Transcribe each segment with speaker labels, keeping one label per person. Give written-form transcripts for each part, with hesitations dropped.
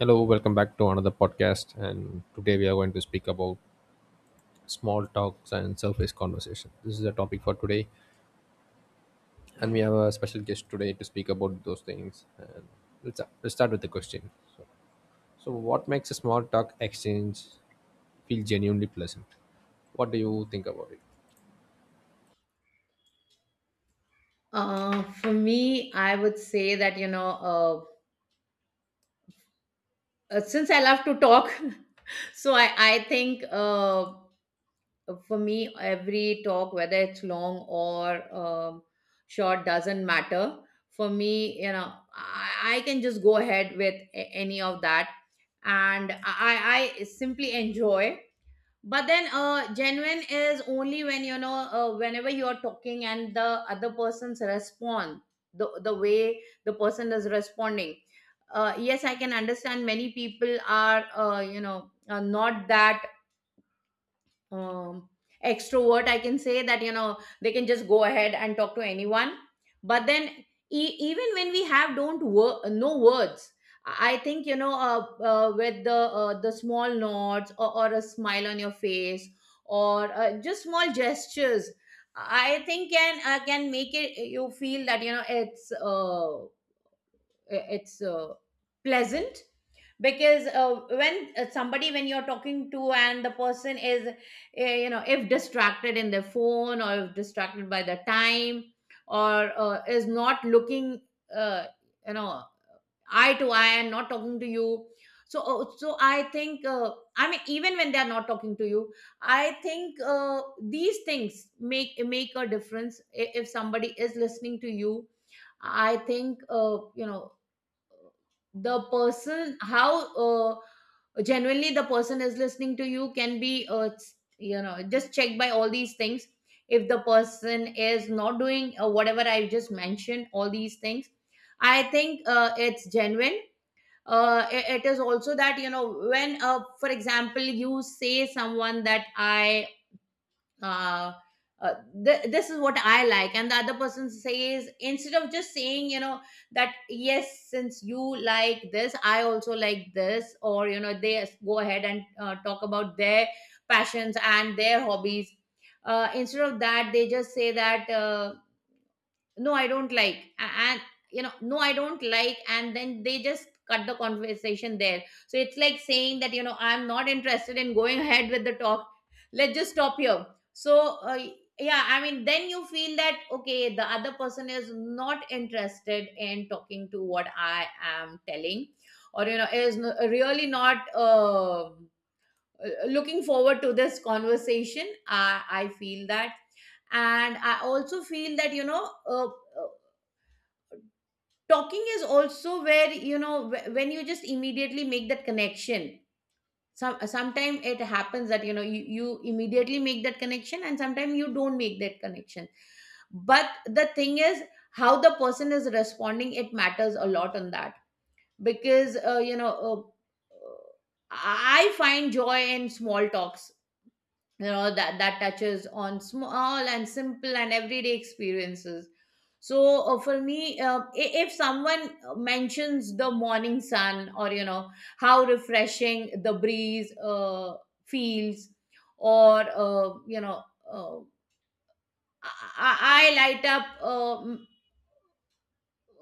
Speaker 1: Hello, welcome back to another podcast. And today we are going to speak about small talks and surface conversation. This is the topic for today, and we have a special guest today to speak about those things. And let's start with the question. So, so what makes a small talk exchange feel genuinely pleasant? What do you think about it?
Speaker 2: For me, I would say that, you know, since I love to talk, so I think for me, every talk, whether it's long or short, doesn't matter. For me, you know, I can just go ahead with any of that. And I simply enjoy. But then genuine is only when, you know, whenever you are talking and the way the person is responding. Yes, I can understand many people are, you know, not that um, extrovert, I can say that. You know, they can just go ahead and talk to anyone. But then, even when we have don't wor- no words, I think, you know, with the the small nods, or a smile on your face, or just small gestures, I think, can can make it you feel that, you know, it's pleasant. Because when somebody when you're talking to, and the person is you know, if distracted in their phone, or if distracted by the time, or is not looking, uh, you know, eye to eye, and not talking to you. So so I think, I mean, even when they are not talking to you, I think, these things make a difference. If somebody is listening to you, I think, you know, the person how genuinely the person is listening to you can be, you know, just checked by all these things. If the person is not doing, whatever I just mentioned, all these things, I think, it's genuine. It is also that, you know, when, for example, you say someone that uh, uh, this is what I like, and the other person says, instead of just saying, you know, that yes, since you like this I also like this, or you know, they go ahead and talk about their passions and their hobbies. Instead of that, they just say that, no, I don't like, and, you know, no, I don't like, and then they just cut the conversation there, so it's like saying that, you know, I'm not interested in going ahead with the talk. Let's just stop here. So, yeah, I mean, then you feel that, okay, the other person is not interested in talking to what I am telling, or you know, is really not, looking forward to this conversation, I feel that. And I also feel that, you know, talking is also where, you know, when you just immediately make that connection. Sometimes it happens that, you know, you immediately make that connection, and sometimes you don't make that connection. But the thing is, how the person is responding, it matters a lot on that. Because, you know, uh, I find joy in small talks, you know, that touches on small and simple and everyday experiences. So, for me, if someone mentions the morning sun, or you know how refreshing the breeze feels, or you know, uh, I light up.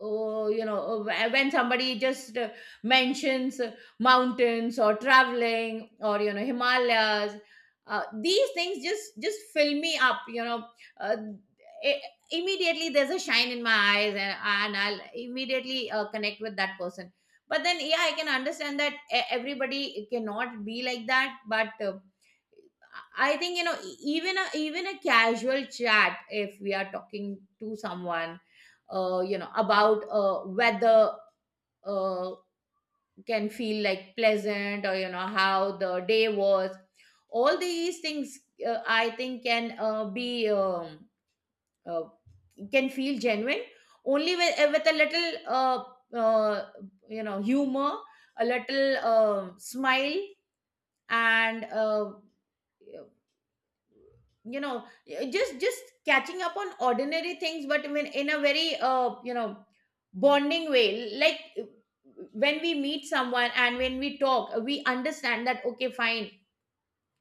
Speaker 2: Oh, you know, when somebody just mentions, mountains or traveling, or you know, Himalayas. These things just fill me up. You know, uh, I immediately there's a shine in my eyes, and I'll immediately connect with that person. But then, yeah, I can understand that everybody cannot be like that, but. I think, you know, even a casual chat, if we are talking to someone you know, about weather, uh can feel like pleasant, or you know, how the day was, all these things, I think, can be, uh, can feel genuine only with a little, uh you know, humor, a little smile, and you know, just catching up on ordinary things, but in a very, you know, bonding way, like, when we meet someone and when we talk, we understand that, okay, fine,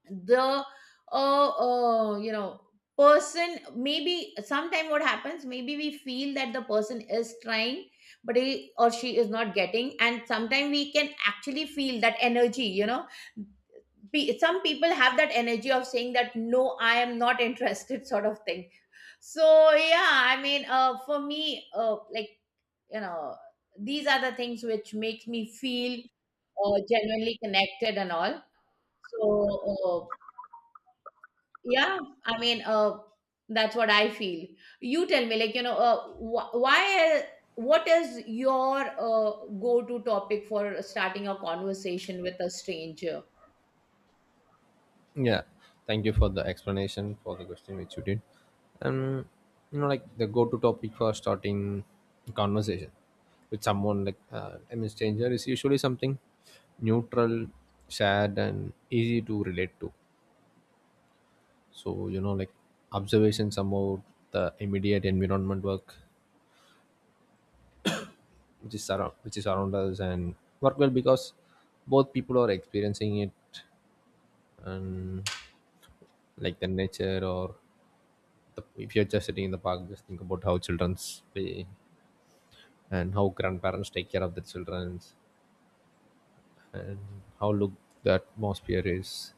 Speaker 2: the you know, person, maybe sometime what happens, maybe we feel that the person is trying, but he or she is not getting. And sometime we can actually feel that energy, you know, some people have that energy of saying that, no, I am not interested, sort of thing. So yeah, I mean, for me, like, you know, these are the things which make me feel, genuinely connected and all. So, uh, yeah, I mean, that's what I feel. You tell me, like, you know, why, what is your go-to topic for starting a conversation with a stranger?
Speaker 1: Yeah, thank you for the explanation for the question which you did. Um, you know, like the go-to topic for starting a conversation with someone like I mean stranger is usually something neutral, shared, and easy to relate to. So you know, like observations about the immediate environment work which is around us and work well because both people are experiencing it, and like the nature, or, the, if you're just sitting in the park, just think about how childrens play and how grandparents take care of the children, and how look the atmosphere is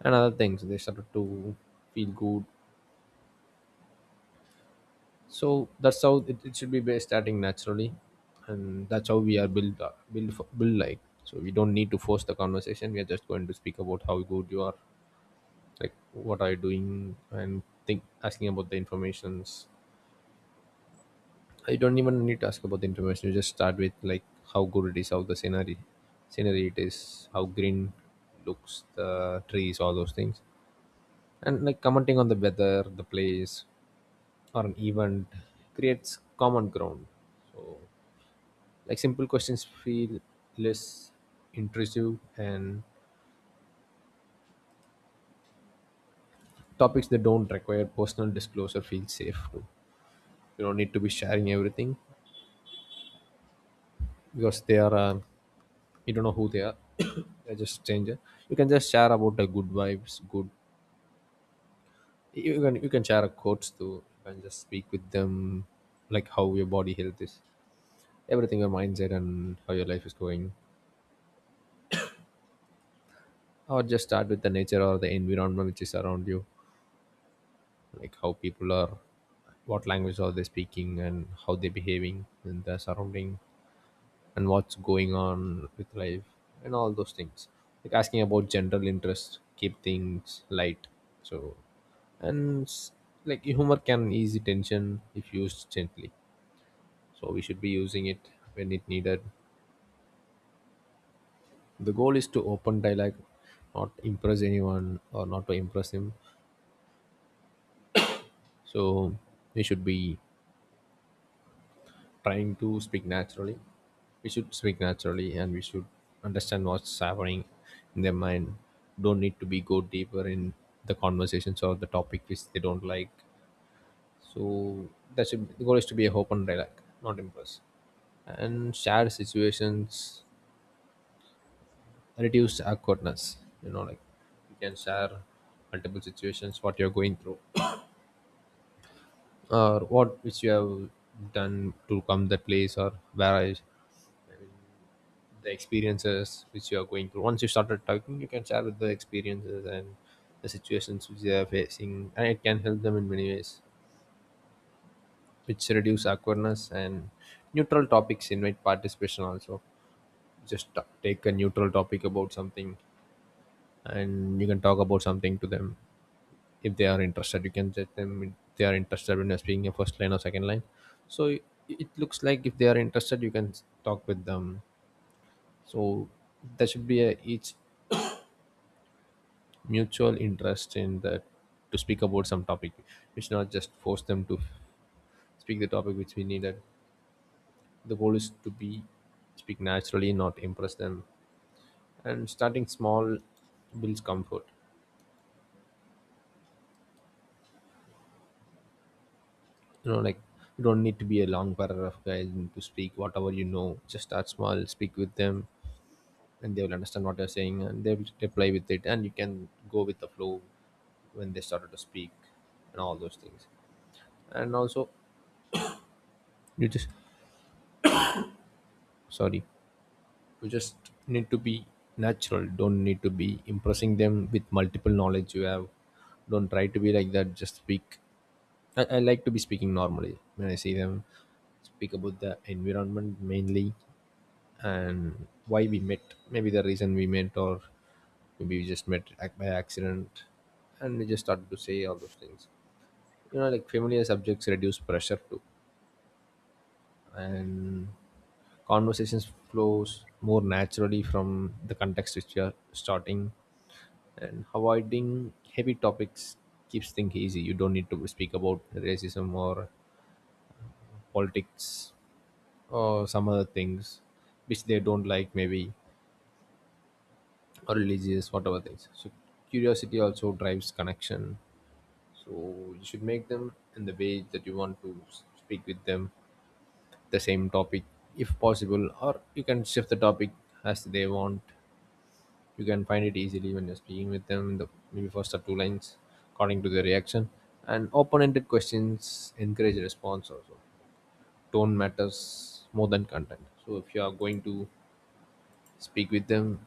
Speaker 1: and other things, they started to feel good. So that's how it should be starting naturally, and that's how we are built built for, built like So we don't need to force the conversation. We are just going to speak about how good you are, like what are you doing, and think asking about the informations. I don't even need to ask about the information. You just start with like how good it is, how the scenery it is, how green looks, the trees, all those things, and like commenting on the weather, the place, or an event creates common ground. So like simple questions feel less intrusive, and topics that don't require personal disclosure feel safe too. You don't need to be sharing everything, because they are you don't know who they are. They're just stranger. You can just share about the good vibes good. You can share a quotes too. You can just speak with them, like how your body health is, everything, your mindset, and how your life is going, or just start with the nature or the environment which is around you, like how people are, what language are they speaking, and how they behaving in their surrounding, and what's going on with life, and all those things, like asking about general interest keep things light. So and s- like humor can ease the tension if used gently, so we should be using it when it needed. The goal is to open dialogue, not impress anyone, or not to impress him. So we should be trying to speak naturally. We should speak naturally, and we should understand what's happening in their mind. Don't need to be go deeper in the conversations or the topic which they don't like. So that should the goal is to be a open dialogue, not impress. And share situations reduce awkwardness. You know, like you can share multiple situations what you're going through or what which you have done to come that place, or where I the experiences which you are going through. Once you started talking, you can share with the experiences and the situations which they are facing, and it can help them in many ways, which reduce awkwardness, and neutral topics invite participation also. Just take a neutral topic about something, and you can talk about something to them if they are interested. You can judge them if they are interested when you're speaking a first line or second line. So it looks like if they are interested, you can talk with them. So there should be a each mutual interest in that to speak about some topic, which not just force them to speak the topic which we needed. The goal is to be speak naturally, not impress them. And starting small builds comfort. You know, like you don't need to be a long paragraph guy to speak whatever you know. Just start small, speak with them, and they will understand what you're saying, and they will reply with it, and you can go with the flow when they started to speak and all those things. And also you just sorry you just need to be natural. Don't need to be impressing them with multiple knowledge you have. Don't try to be like that. Just speak. I like to be speaking normally when I see them. Speak about the environment mainly, and why we met. Maybe the reason we met, or maybe we just met by accident, and we just started to say all those things. You know, like familiar subjects reduce pressure too, and conversations flows more naturally from the context which you are starting, and avoiding heavy topics keeps things easy. You don't need to speak about racism or politics or some other things which they don't like, maybe, or religious, whatever things. So curiosity also drives connection. So you should make them in the way that you want to speak with them, the same topic if possible, or you can shift the topic as they want. You can find it easily when you're speaking with them the maybe first or two lines, according to their reaction. And open-ended questions encourage response also. Tone matters more than content. So if you are going to speak with them,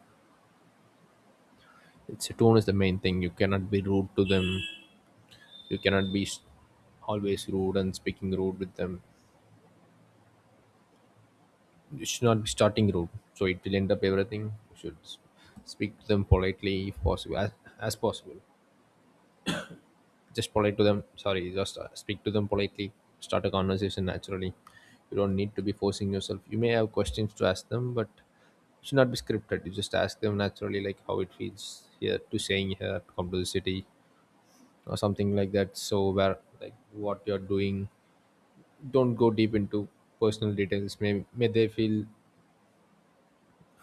Speaker 1: it's tone is the main thing. You cannot be rude to them. You cannot be always rude and speaking rude with them. You should not be starting rude, so it will end up everything. You should speak to them politely if possible, as possible. Just polite to them. Sorry, just speak to them politely. Start a conversation naturally. You don't need to be forcing yourself. You may have questions to ask them, but it should not be scripted. You just ask them naturally, like how it feels here to staying here, to come to the city, or something like that. So where like what you're doing, don't go deep into personal details. May they feel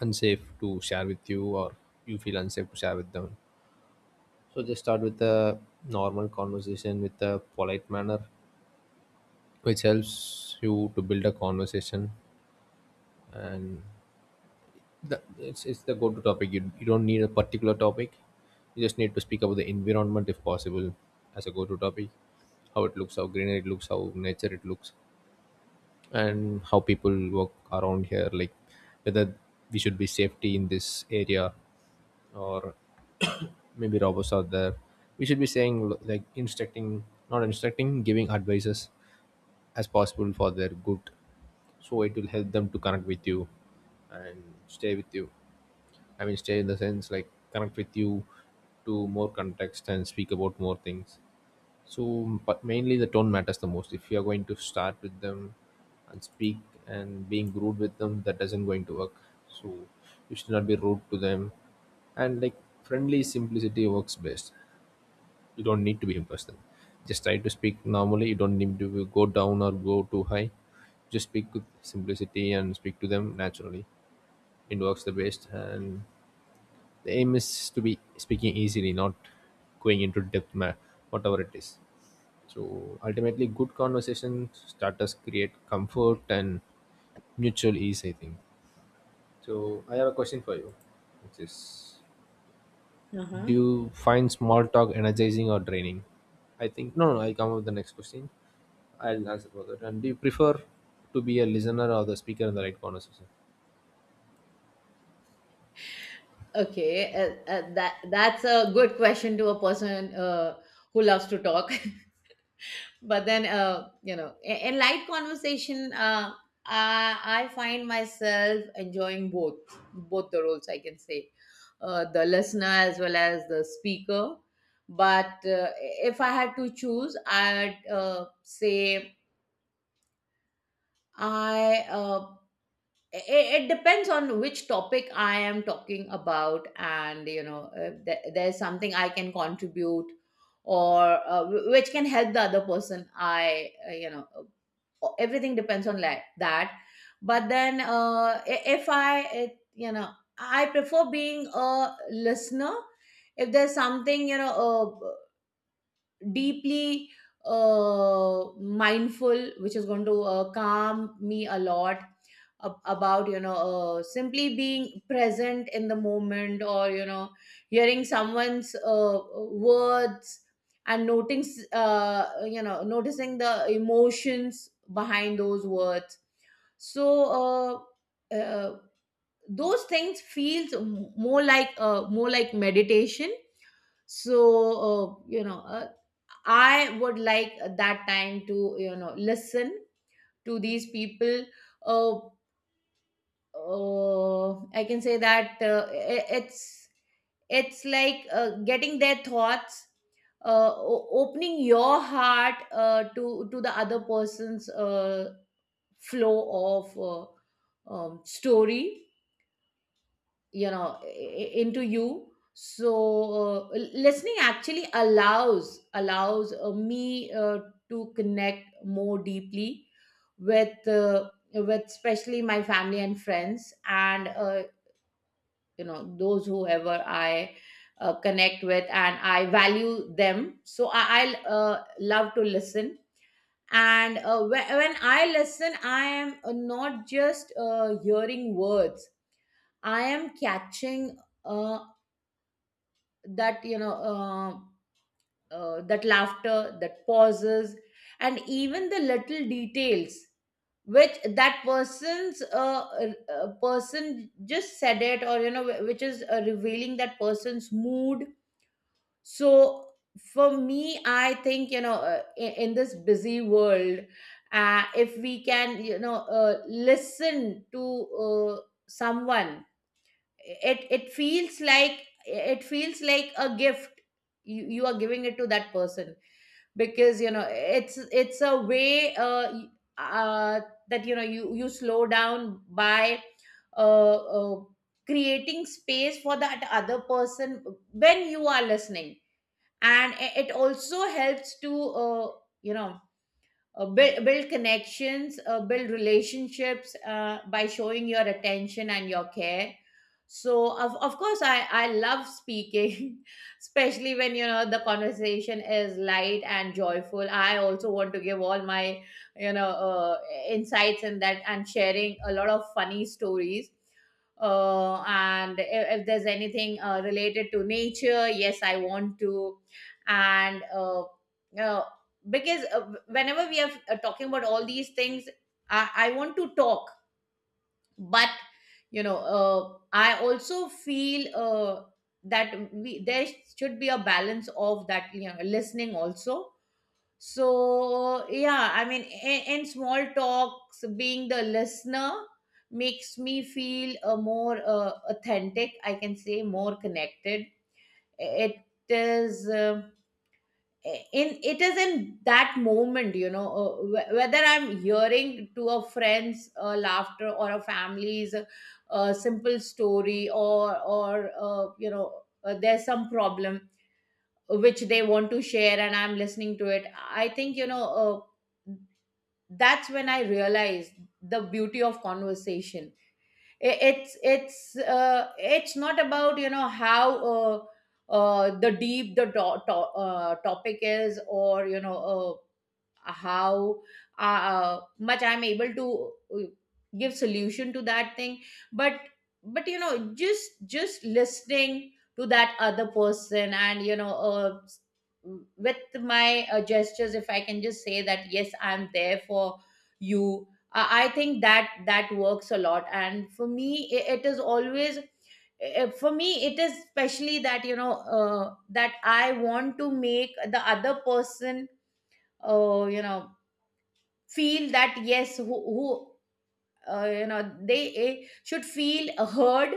Speaker 1: unsafe to share with you, or you feel unsafe to share with them. So just start with a normal conversation with a polite manner, which helps you to build a conversation, and it's the go-to topic. You don't need a particular topic. You just need to speak about the environment if possible, as a go-to topic. How it looks, how greenery it looks, how nature it looks, and how people work around here, like whether we should be safety in this area, or maybe robots are there, we should be saying like instructing, not instructing, giving advices as possible for their good, so it will help them to connect with you and stay with you. I mean stay in the sense like connect with you, to more context and speak about more things. So but mainly the tone matters the most if you are going to start with them and speak, and being rude with them, that doesn't going to work. So you should not be rude to them. And like friendly simplicity works best. You don't need to be impressive. Just try to speak normally. You don't need to go down or go too high. Just speak with simplicity and speak to them naturally. It works the best. And the aim is to be speaking easily, not going into depth whatever it is. So ultimately good conversation starters create comfort and mutual ease, I think. So I have a question for you, which is, do you find small talk energizing or draining? I think no, no. I come up with the next question. I'll answer for that. And do you prefer to be a listener or the speaker in the right conversation?
Speaker 2: Okay, that's a good question to a person, who loves to talk. But then, you know, in light conversation, I find myself enjoying both the roles, I can say. The listener as well as the speaker. But if I had to choose, I'd say, I uh, it depends on which topic I am talking about, and you know, if there's something I can contribute, or which can help the other person, I you know, everything depends on like that. But then, I- if I it, you know, I prefer being a listener if there's something, you know, uh, deeply, mindful, which is going to, calm me a lot. About, you know, simply being present in the moment, or you know, hearing someone's words, and noting you know, noticing the emotions behind those words. So, uh, uh, those things feels, more like meditation. So, you know, I would like that time to, you know, listen to these people. Uh, I can say that, it's like getting their thoughts, opening your heart, to the other person's flow of, story, you know, into you. So, listening actually allows me to connect more deeply with, with especially my family and friends, and you know, those whoever I connect with and I value them. So I love to listen. And when I listen, I am, not just, hearing words. I am catching, uh, that, you know, that laughter, that pauses, and even the little details, which that person's, person just said it, or you know, which is revealing that person's mood. So for me, I think, you know, in this busy world, if we can, you know, listen to, someone, it feels like, it feels like a gift. You are giving it to that person, because you know, it's a way, uh that you know, you slow down by, uh, uh creating space for that other person when you are listening. And it also helps to, you know, build connections, build relationships, by showing your attention and your care. So, of course I love speaking especially when, you know, the conversation is light and joyful, I also want to give all my, you know, insights in that, and sharing a lot of funny stories, and if there's anything related to nature, yes I want to. And, uh, because, whenever we are, talking about all these things, I want to talk. But you know, I also feel, that we there should be a balance of that, you know, listening also. So yeah, I mean, in small talks, being the listener makes me feel, more, authentic, I can say, more connected. It is, in it is in that moment, you know, whether I'm hearing to a friend's laughter, or a family's simple story, or you know, there's some problem which they want to share, and I'm listening to it. I think, you know, that's when I realize the beauty of conversation. It's it's not about, you know, how the topic is, or you know, how much I'm able to, give solution to that thing. But but you know, just listening to that other person, and you know, with my gestures, if I can just say that, yes, I'm there for you. I think that works a lot. And for me it is always, for me it is especially that, you know, that I want to make the other person, you know, feel that yes, who you know, they should feel heard,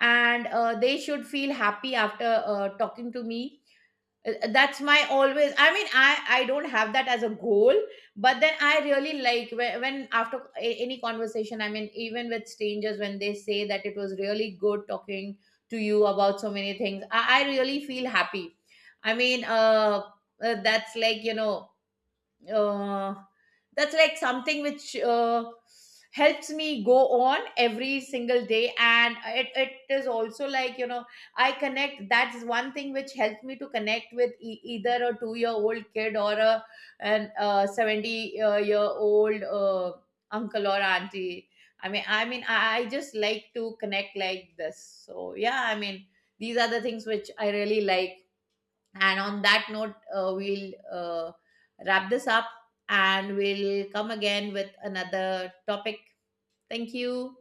Speaker 2: and they should feel happy after, talking to me. That's my always, I mean, I don't have that as a goal, but then I really like when, after any conversation, I mean even with strangers, when they say that it was really good talking to you about so many things, I really feel happy. I mean, that's like, you know, uh, that's like something which, helps me go on every single day. And it is also like, you know, I connect that's one thing which helps me to connect with, either a 2-year-old kid, or a an, 70 year old, uncle or auntie. I just like to connect like this. So yeah, I mean, these are the things which I really like. And on that note, we'll wrap this up, and we'll come again with another topic. Thank you.